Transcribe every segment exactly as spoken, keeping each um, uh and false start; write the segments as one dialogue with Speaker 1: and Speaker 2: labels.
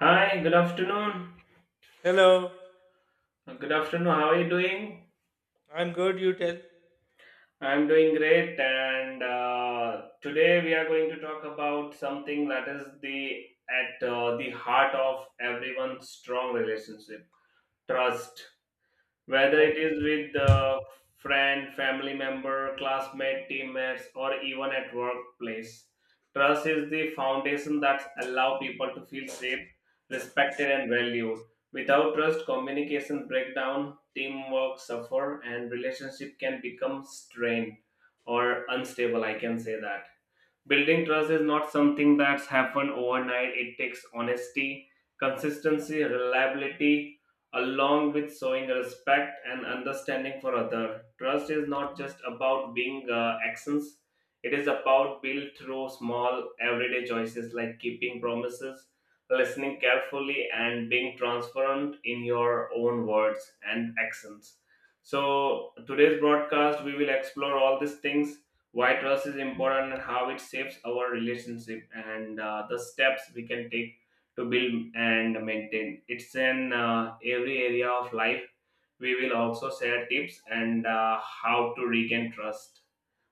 Speaker 1: Hi, good afternoon.
Speaker 2: Hello,
Speaker 1: Uh, Good afternoon. How are you doing?
Speaker 2: I'm good. You tell.
Speaker 1: I'm doing great, and uh, today we are going to talk about something that is the at uh, the heart of everyone's strong relationship: trust. Whether it
Speaker 2: Oh,
Speaker 1: is with the friend, family member, classmate, teammates, or even at workplace, trust is the foundation that allow people to feel safe, respected, and valued. Without trust, communication break down, teamwork suffer, and relationship can become strained or unstable. I can say that. Building trust is not something that's happened overnight. It takes honesty, consistency, reliability, along with showing respect and understanding for other. Trust is not just about being uh, actions. It is about built through small everyday choices like keeping promises, listening carefully, and being transparent in your own words and actions. So today's broadcast, we will explore all these things why trust is important and how it shapes our relationship and uh, the steps we can take to build and maintain it's in uh, every area of life. We will also share tips and uh, how to regain trust.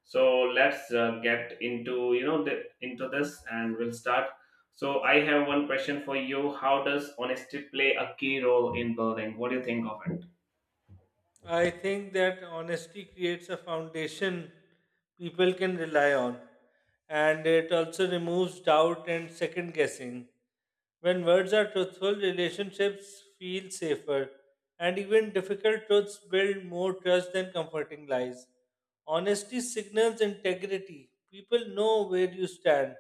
Speaker 1: So let's uh, get into you know the, into this and we'll start. So I have one question for you: how does honesty play a key role in building? What do you think of it?
Speaker 2: I think that honesty creates a foundation people can rely on, and it also removes doubt and second guessing. When words are truthful, relationships feel safer, and even difficult truths build more trust than comforting lies. Honesty signals integrity. People know where you stand.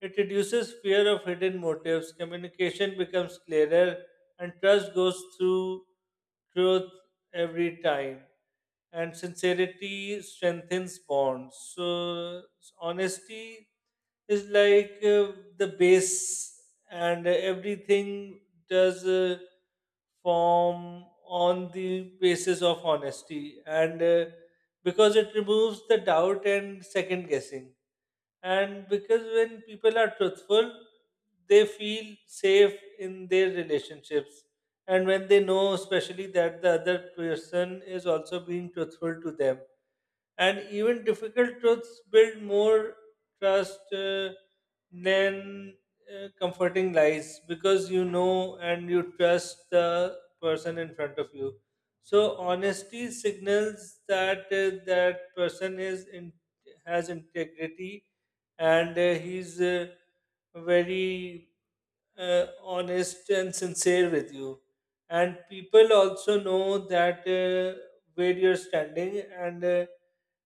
Speaker 2: It reduces fear of hidden motives, communication becomes clearer, and trust goes through truth every time and sincerity strengthens bonds. So s- honesty is like uh, the base, and everything does uh, form on the basis of honesty, and uh, because it removes the doubt and second guessing, and because when people are truthful they feel safe in their relationships, and when they know especially that the other person is also being truthful to them. And even difficult truths build more trust uh, than uh, comforting lies, because you know and you trust the person in front of you. So honesty signals that uh, that person is in, has integrity, and uh, he's uh, very uh, honest and sincere with you. And people also know that uh, where you're standing, and uh,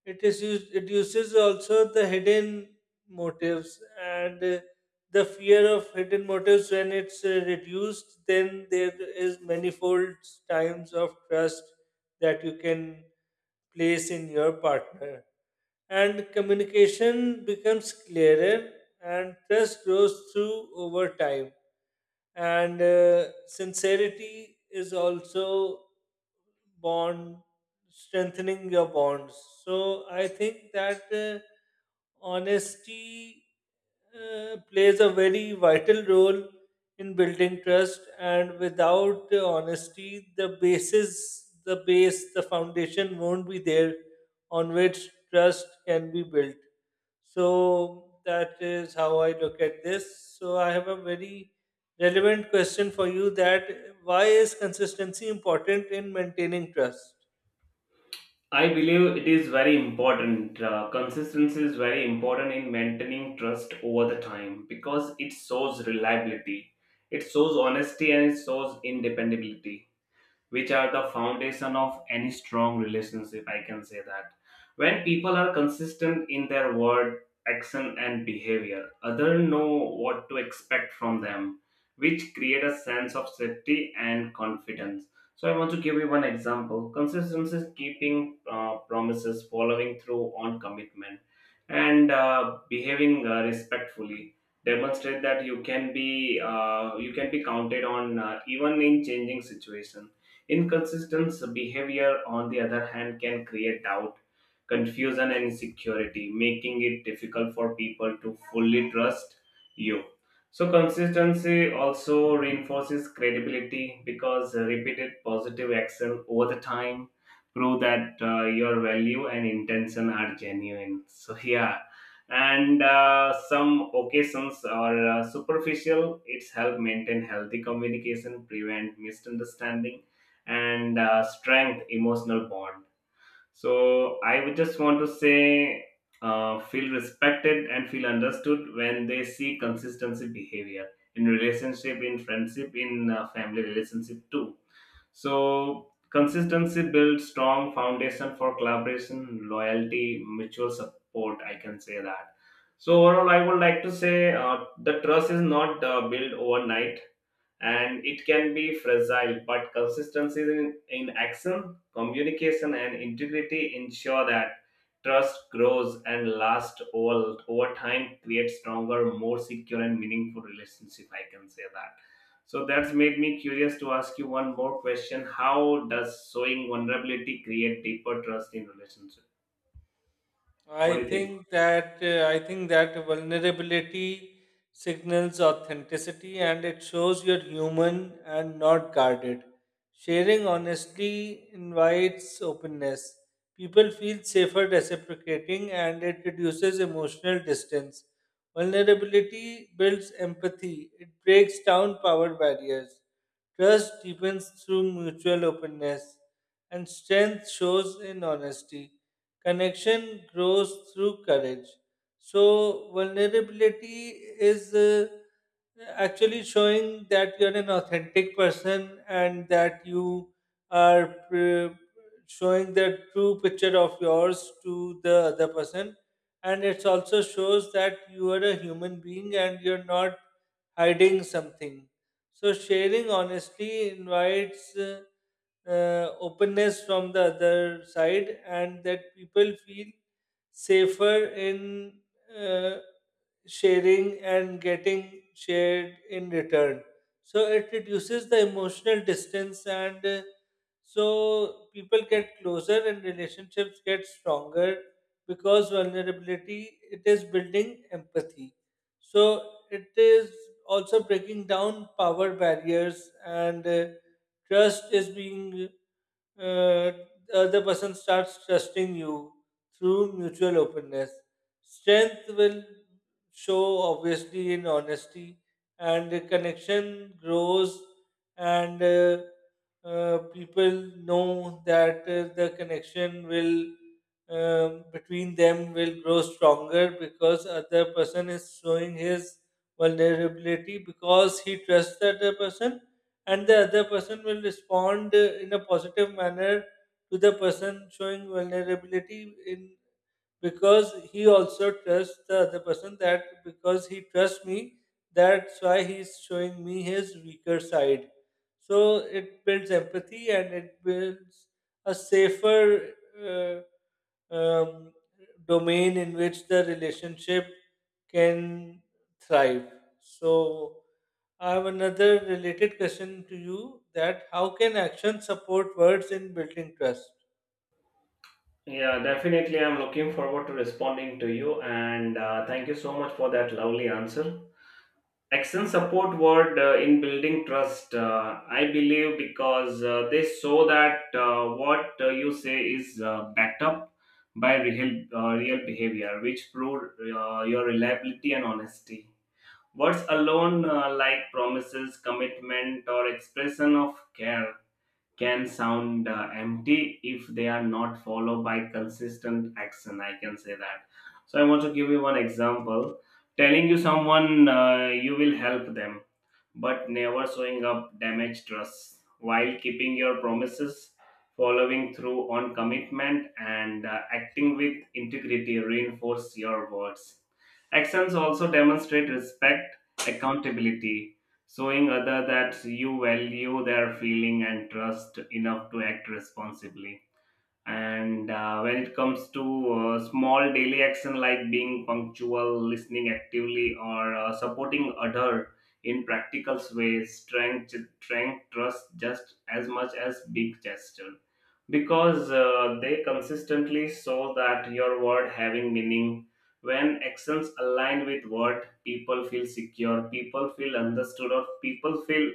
Speaker 2: it is used, it uses also the hidden motives, and uh, the fear of hidden motives, when it's uh, reduced, then there is manifold times of trust that you can place in your partner. And communication becomes clearer and trust grows through over time. And uh, sincerity is also bond strengthening your bonds. So I think that uh, honesty uh, plays a very vital role in building trust, and without uh, honesty the basis the base the foundation won't be there on which trust can be built. So that is how I look at this. So I have a very relevant question for you: that why is consistency important in maintaining trust?
Speaker 1: I believe it is very important. Uh, consistency is very important in maintaining trust over the time because it shows reliability, it shows honesty, and it shows independability, which are the foundation of any strong relationship, I can say that. When people are consistent in their word, action and behavior, others know what to expect from them, which create a sense of safety and confidence. So I want to give you one example: consistency is keeping uh, promises, following through on commitment, and uh, behaving uh, respectfully, demonstrate that you can be uh, you can be counted on, uh, even in changing situation. Inconsistent behavior, on the other hand, can create doubt, confusion, and insecurity, making it difficult for people to fully trust you. So, consistency also reinforces credibility because repeated positive action over the time prove that uh, your value and intention are genuine. So, yeah, and uh, some occasions are uh, superficial, it's help maintain healthy communication, prevent misunderstanding, and uh, strength emotional bond. So I would just want to say uh, feel respected and feel understood when they see consistency behavior in relationship, in friendship, in uh, family relationship too. So consistency builds strong foundation for collaboration, loyalty, mutual support, I can say that. So overall I would like to say uh, the trust is not uh, built overnight and it can be fragile, but consistency in, in action, communication and integrity ensure that trust grows and lasts over, over time. Creates stronger, more secure and meaningful relationship, I can say that. So that's made me curious to ask you one more question: how does showing vulnerability create deeper trust in relationship? What
Speaker 2: I
Speaker 1: do you think?
Speaker 2: think that uh, I think that vulnerability signals authenticity and it shows you're human and not guarded. Sharing honestly invites openness. People feel safer reciprocating and it reduces emotional distance. Vulnerability builds empathy. It breaks down power barriers. Trust deepens through mutual openness and strength shows in honesty. Connection grows through courage. So, vulnerability is uh, actually showing that you're an authentic person, and that you are pr- showing the true picture of yours to the other person. And it also shows that you are a human being and you're not hiding something. So, sharing honestly invites. Uh, uh, openness from the other side, and that people feel safer in uh, sharing and getting shared in return. So it reduces the emotional distance, and uh, so people get closer and relationships get stronger, because vulnerability, it is building empathy. So it is also breaking down power barriers, and uh, Trust is being uh, the other person starts trusting you through mutual openness. Strength will show obviously in honesty, and the connection grows, and uh, uh, people know that uh, the connection will um, between them will grow stronger, because other person is showing his vulnerability because he trusts the other person, and the other person will respond uh, in a positive manner to the person showing vulnerability in because he also trusts the other person, that because he trusts me, that's why he's showing me his weaker side. So it builds empathy, and it builds a safer uh, um, domain in which the relationship can thrive. So, I have another related question to you: that how can action support words in building trust?
Speaker 1: Yeah, definitely, I'm looking forward to responding to you, and uh, thank you so much for that lovely answer. Action support word uh, in building trust, uh, I believe, because uh, they show that uh, what uh, you say is uh, backed up by real, uh, real behavior, which prove uh, your reliability and honesty. Words alone, uh, like promises, commitment, or expression of care, can sound uh, empty if they are not followed by consistent action, I can say that. So I want to give you one example: telling you someone uh, you will help them but never showing up damage trust, while keeping your promises, following through on commitment, and uh, acting with integrity reinforce your words. Actions also demonstrate respect, accountability, showing other that you value their feeling and trust enough to act responsibly. And uh, when it comes to uh, small daily action like being punctual, listening actively, or uh, supporting other in practical ways, strength strength trust just as much as big gesture, because uh, they consistently show that your word having meaning. When actions align with what, people feel secure, people feel understood, or people feel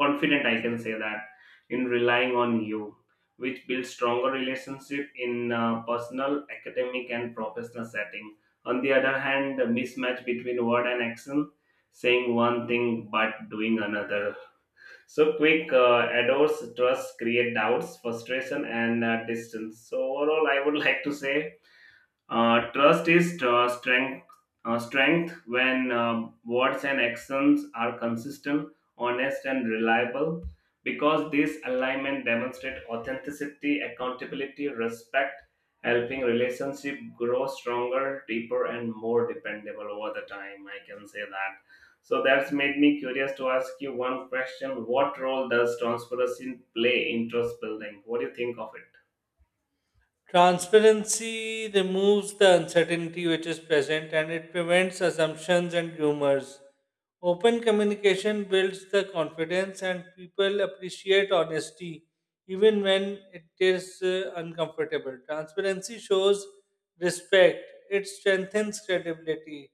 Speaker 1: confident, I can say that, in relying on you, which builds stronger relationship in uh, personal, academic and professional setting. On the other hand, the mismatch between word and action, saying one thing but doing another, so quick uh, adores trust, create doubts, frustration, and uh, distance. So overall I would like to say uh, trust is uh, strength, uh, strength when uh, words and actions are consistent, honest, and reliable. Because this alignment demonstrates authenticity, accountability, respect, helping relationship grow stronger, deeper, and more dependable over the time. I can say that. So that's made me curious to ask you one question: what role does transparency play in trust building? What do you think of it?
Speaker 2: Transparency removes the uncertainty which is present, and it prevents assumptions and rumors. Open communication builds the confidence and people appreciate honesty even when it is uh, uncomfortable. Transparency shows respect, it strengthens credibility.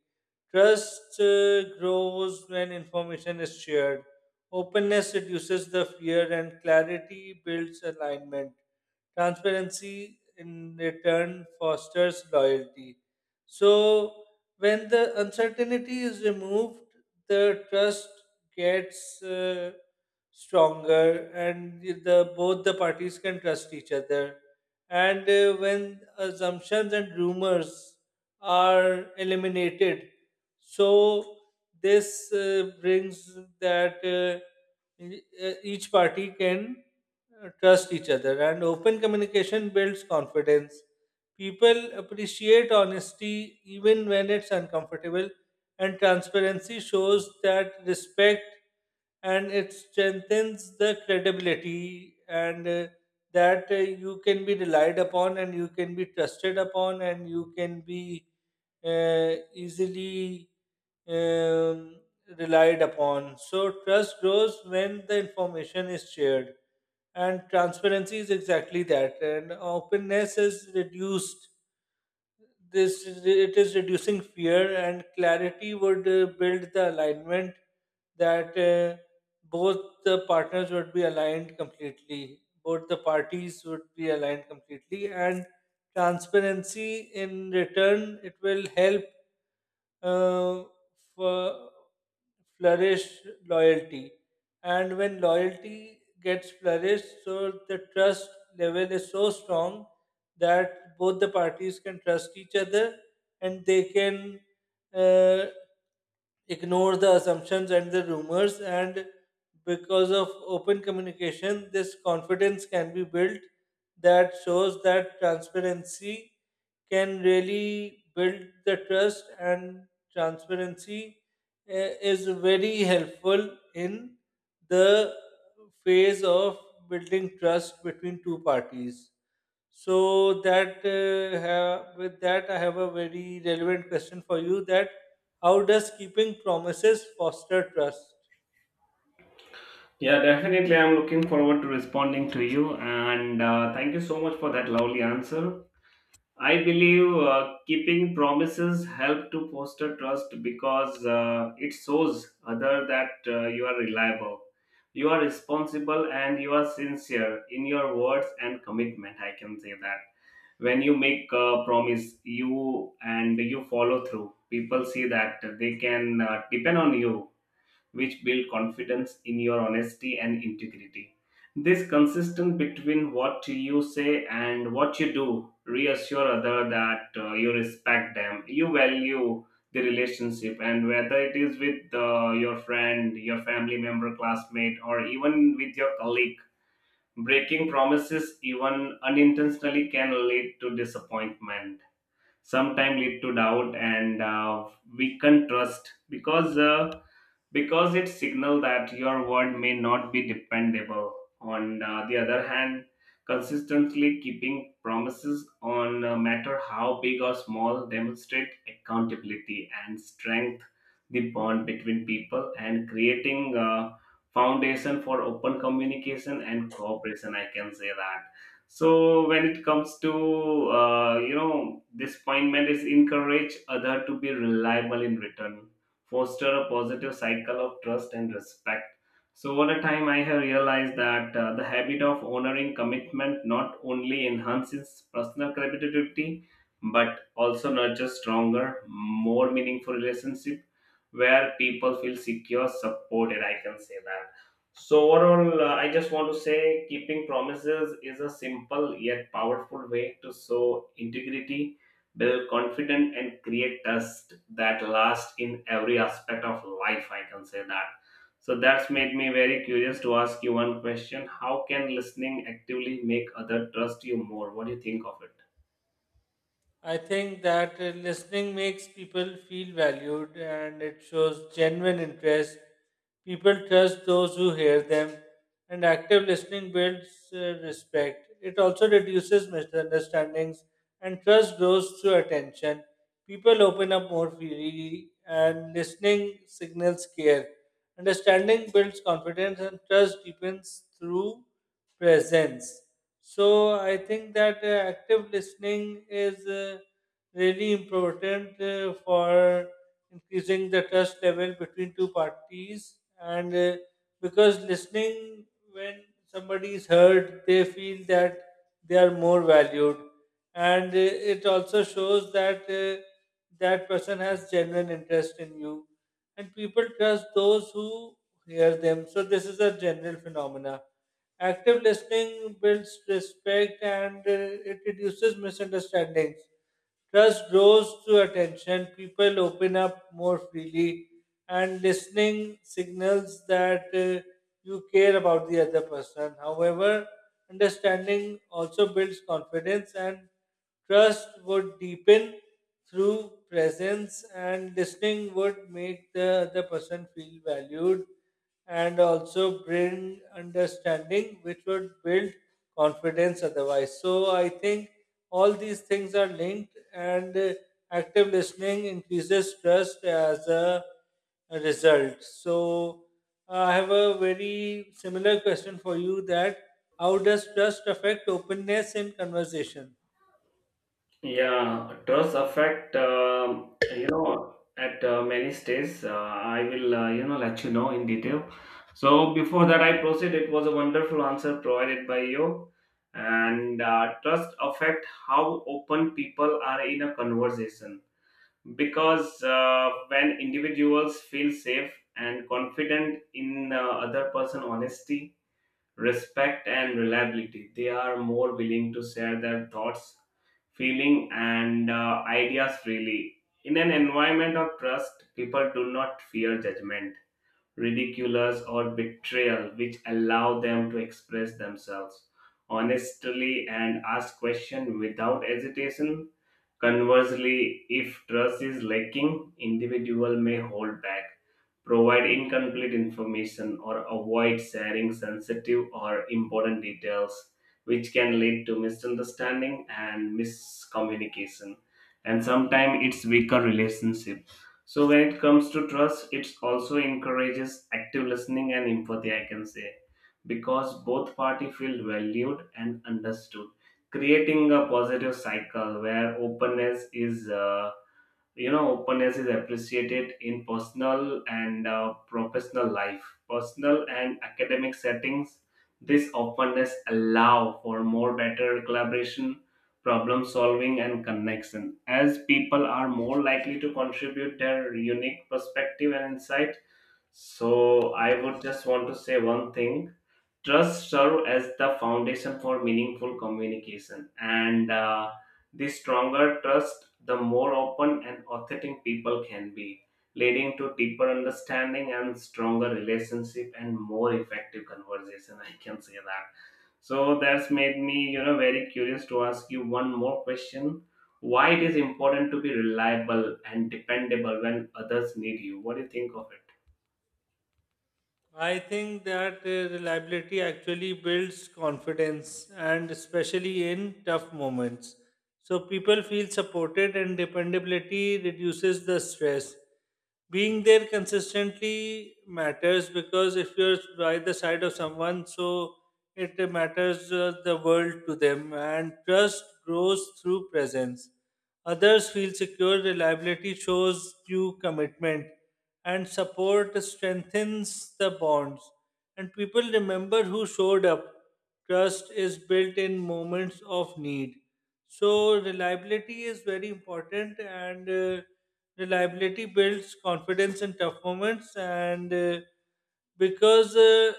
Speaker 2: Trust uh, grows when information is shared. Openness reduces the fear and clarity builds alignment. Transparency in return fosters loyalty. So, when the uncertainty is removed, the trust gets uh, stronger, and the both the parties can trust each other. And uh, when assumptions and rumors are eliminated, so this uh, brings that. Uh, E- uh, Each party can uh, trust each other, and open communication builds confidence. People appreciate honesty even when it's uncomfortable, and transparency shows that respect, and it strengthens the credibility, and uh, that uh, you can be relied upon and you can be trusted upon and you can be uh, easily um, relied upon. So trust grows when the information is shared. And transparency is exactly that. And openness is reduced. This it is reducing fear, and clarity would uh, build the alignment, that uh, both the partners would be aligned completely. Both the parties would be aligned completely, and transparency in return it will help uh, f- flourish loyalty. And when loyalty gets flourished, so the trust level is so strong that both the parties can trust each other, and they can uh, ignore the assumptions and the rumors, and because of open communication this confidence can be built, that shows that transparency can really build the trust, and transparency eh, is very helpful in the phase of building trust between two parties. So that uh, ha- with that I have a very relevant question for you: that how does keeping promises foster trust?
Speaker 1: Yeah, definitely. I'm looking forward to responding to you. And uh, thank you so much for that lovely answer. I believe uh, keeping promises help to foster trust because uh, it shows other that uh, you are reliable, you are responsible, and you are sincere in your words and commitment. I can say that. When you make a promise, you and you follow through. People see that they can uh, depend on you, which build confidence in your honesty and integrity. This consistent between what you say and what you do reassure other that uh, you respect them, you value the relationship, and whether it is with uh, your friend, your family member, classmate, or even with your colleague, breaking promises even unintentionally can lead to disappointment. Sometimes lead to doubt and uh, weakened trust because. Uh, because it signals that your word may not be dependable. On uh, the other hand, consistently keeping promises, on a matter how big or small, demonstrate accountability and strength the bond between people and creating a foundation for open communication and cooperation, I can say that. So when it comes to uh, you know disappointment is encourage other to be reliable in return, foster a positive cycle of trust and respect. So, over the time, I have realized that uh, the habit of honoring commitment not only enhances personal credibility but also nurtures stronger, more meaningful relationship where people feel secure, supported. I can say that. So, overall, uh, I just want to say keeping promises is a simple yet powerful way to show integrity, build confidence and create trust that lasts in every aspect of life, I can say that. So that's made me very curious to ask you one question: how can listening actively make other trust you more? What do you think of it?
Speaker 2: I think that uh, listening makes people feel valued and it shows genuine interest. People trust those who hear them, and active listening builds uh, respect. It also reduces misunderstandings, and trust grows through attention. People open up more freely, and listening signals care. Understanding builds confidence, and trust deepens through presence. So I think that uh, active listening is uh, really important uh, for increasing the trust level between two parties, and uh, because listening, when somebody is heard, they feel that they are more valued, and uh, it also shows that uh, that person has genuine interest in you, and people trust those who hear them. So this is a general phenomena. Active listening builds respect, and uh, it reduces misunderstandings. Trust grows through attention, people open up more freely, and listening signals that uh, you care about the other person. However, understanding also builds confidence, and trust would deepen through presence, and listening would make the other person feel valued and also bring understanding, which would build confidence otherwise. So I think all these things are linked, and uh, active listening increases trust as a a result. So uh, I have a very similar question for you: that how does trust affect openness in conversation?
Speaker 1: Yeah, trust affect, um, you know, at uh, many stages. Uh, I will, uh, you know, let you know in detail. So before that, I proceed. It was a wonderful answer provided by you. And uh, trust affect how open people are in a conversation, because uh, when individuals feel safe and confident in uh, other person honesty, respect and reliability, they are more willing to share their thoughts, feeling and uh, ideas freely. In an environment of trust, people do not fear judgment, ridiculous or betrayal, which allow them to express themselves honestly and ask questions without hesitation. Conversely, if trust is lacking, individual may hold back, provide incomplete information, or avoid sharing sensitive or important details, which can lead to misunderstanding and miscommunication. And sometimes it's weaker relationship. So when it comes to trust, it also encourages active listening and empathy, I can say, because both party feel valued and understood, creating a positive cycle where openness is uh, you know openness is appreciated in personal and uh, professional life, personal and academic settings. This openness allow for more better collaboration, problem solving and connection, as people are more likely to contribute their unique perspective and insight. So I would just want to say one thing: trust serve as the foundation for meaningful communication, and uh, the stronger trust, the more open and authentic people can be, leading to deeper understanding and stronger relationship and more effective conversation. I can say that. So that's made me, you know, very curious to ask you one more question. Why it is important to be reliable and dependable when others need you? What do you think of it?
Speaker 2: I think that uh, reliability actually builds confidence, and especially in tough moments. So people feel supported, and dependability reduces the stress. Being there consistently matters, because if you're by the side of someone, so it matters uh, the world to them, and trust grows through presence. Others feel secure, reliability shows you commitment, and support strengthens the bonds. And people remember who showed up. Trust is built in moments of need. So reliability is very important, and uh, reliability builds confidence in tough moments. And uh, because uh,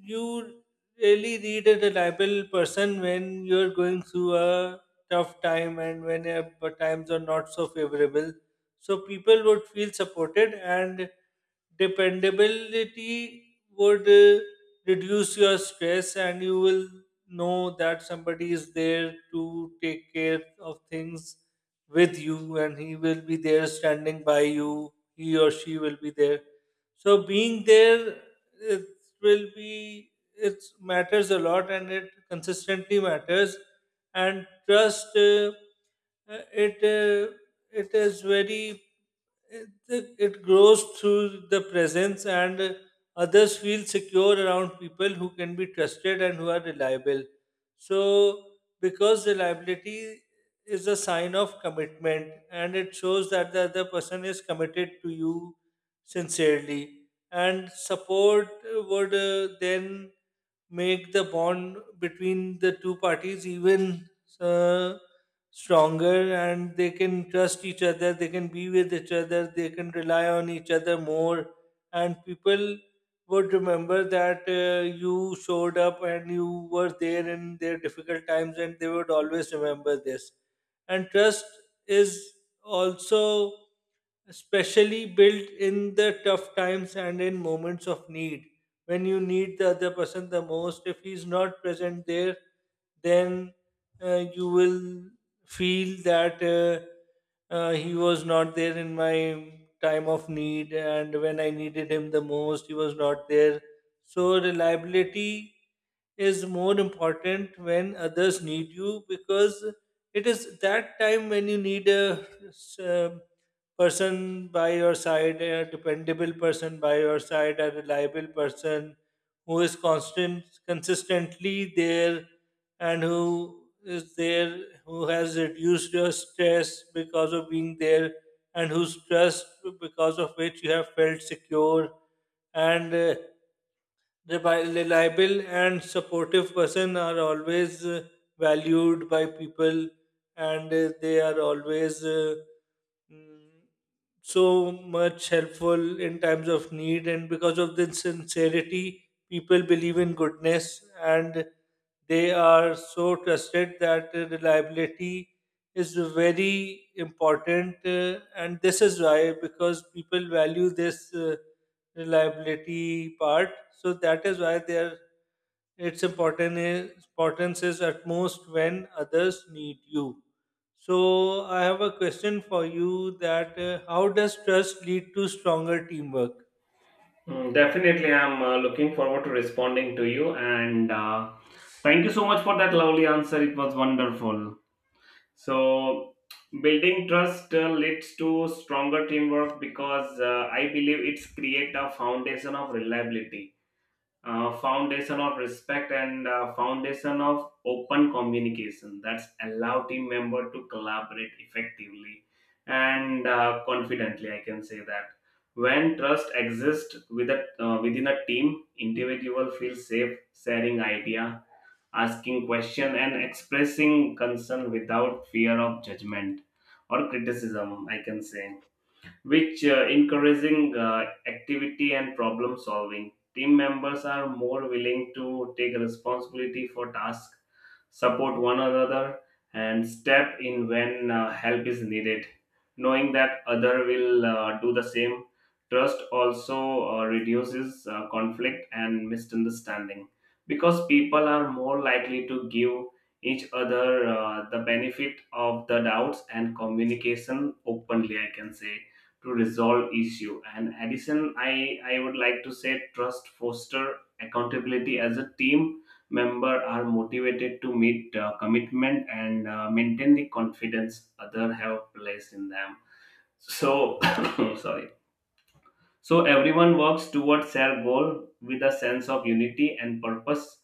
Speaker 2: you really need a reliable person when you're going through a tough time, and when uh, the times are not so favorable, so people would feel supported, and dependability would uh, reduce your stress, and you will know that somebody is there to take care of things with you, and he will be there standing by you, he or she will be there. So being there, it will be, it matters a lot, and it consistently matters. And trust uh, uh, it uh, it is very, it, it grows through the presence, and uh, others feel secure around people who can be trusted and who are reliable. So, because reliability is a sign of commitment, and it shows that the other person is committed to you sincerely, and support would uh, then make the bond between the two parties even uh, stronger, and they can trust each other, they can be with each other, they can rely on each other more. And people would remember that uh, you showed up, and you were there in their difficult times, and they would always remember this. And trust is also especially built in the tough times and in moments of need. When you need the other person the most, if he's not present there, then uh, you will feel that uh, uh, he was not there in my time of need, and when I needed him the most he was not there. So reliability is more important when others need you, because it is that time when you need a s- um, person by your side, a dependable person by your side, a reliable person who is constant, consistently there, and who is there, who has reduced your stress because of being there, and whose trust, because of which you have felt secure, and uh, rebi- reliable and supportive person are always uh, valued by people, and uh, they are always. Uh, mm, so much helpful in times of need, and because of the sincerity people believe in goodness, and they are so trusted that uh, reliability is very important, uh, and this is why, because people value this uh, reliability part, so that is why they are its important importance is utmost when others need you. So I have a question for you: that uh, how does trust lead to stronger teamwork?
Speaker 1: Mm, definitely, I'm uh, looking forward to responding to you. And uh, thank you so much for that lovely answer. It was wonderful. So, building trust uh, leads to stronger teamwork because uh, I believe it's create a foundation of reliability, uh, foundation of respect and uh, foundation of open communication, that's allow team member to collaborate effectively and uh, confidently, I can say that. When trust exists with a, uh, within a team, individual feel safe sharing idea, asking question and expressing concern without fear of judgment or criticism, I can say, which uh, encouraging uh, activity and problem solving. Team members are more willing to take responsibility for tasks, support one another, and step in when uh, help is needed, knowing that other will uh, do the same. Trust also uh, reduces uh, conflict and misunderstanding because people are more likely to give each other uh, the benefit of the doubts and communication openly, I can say, to resolve issue. And addition, i i would like to say trust foster accountability, as a team members are motivated to meet uh, commitment and uh, maintain the confidence others have placed in them. So, sorry, so everyone works towards their goal with a sense of unity and purpose.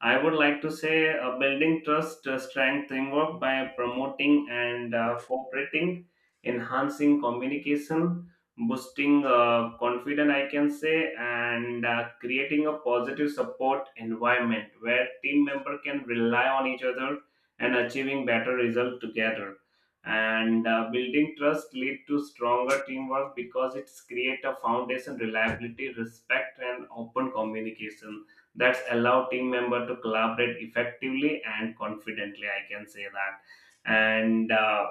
Speaker 1: I would like to say uh, building trust, uh, strength, teamwork by promoting and uh, cooperating, enhancing communication, boosting uh, confidence, I can say, and uh, creating a positive support environment where team member can rely on each other and achieving better result together. And uh, building trust lead to stronger teamwork because it's create a foundation, reliability, respect and open communication, that's allow team member to collaborate effectively and confidently, I can say that. And uh,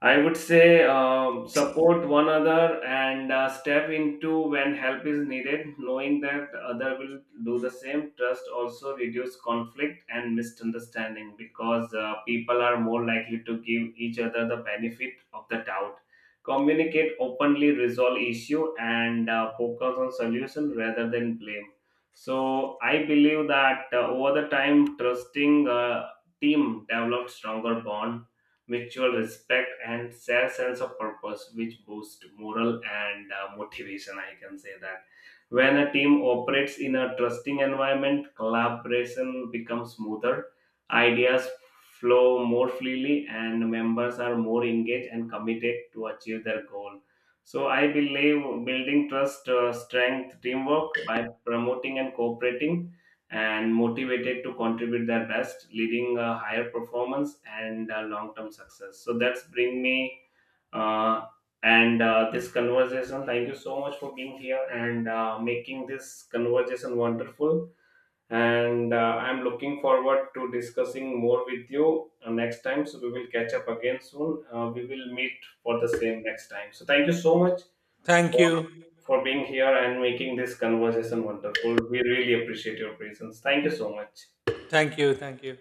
Speaker 1: I would say um, support one another and uh, step into when help is needed, knowing that the other will do the same. Trust also reduce conflict and misunderstanding because uh, people are more likely to give each other the benefit of the doubt. Communicate openly, resolve issue, and uh, focus on solution rather than blame. So I believe that uh, over the time, trusting uh, team develops stronger bond, mutual respect and shared sense of purpose, which boost moral and uh, motivation, I can say that. When a team operates in a trusting environment, collaboration becomes smoother, ideas flow more freely and members are more engaged and committed to achieve their goal. So I believe building trust uh, strength teamwork by promoting and cooperating and motivated to contribute their best, leading a higher performance and long term success. So that's bring me uh, and uh, this conversation. Thank you so much for being here and uh, making this conversation wonderful. And uh, I'm looking forward to discussing more with you uh, next time. So we will catch up again soon. Uh, we will meet for the same next time. So thank you so much
Speaker 2: Thank
Speaker 1: for
Speaker 2: you.
Speaker 1: for being here and making this conversation wonderful. We really appreciate your presence. Thank you so much.
Speaker 2: Thank you. Thank you.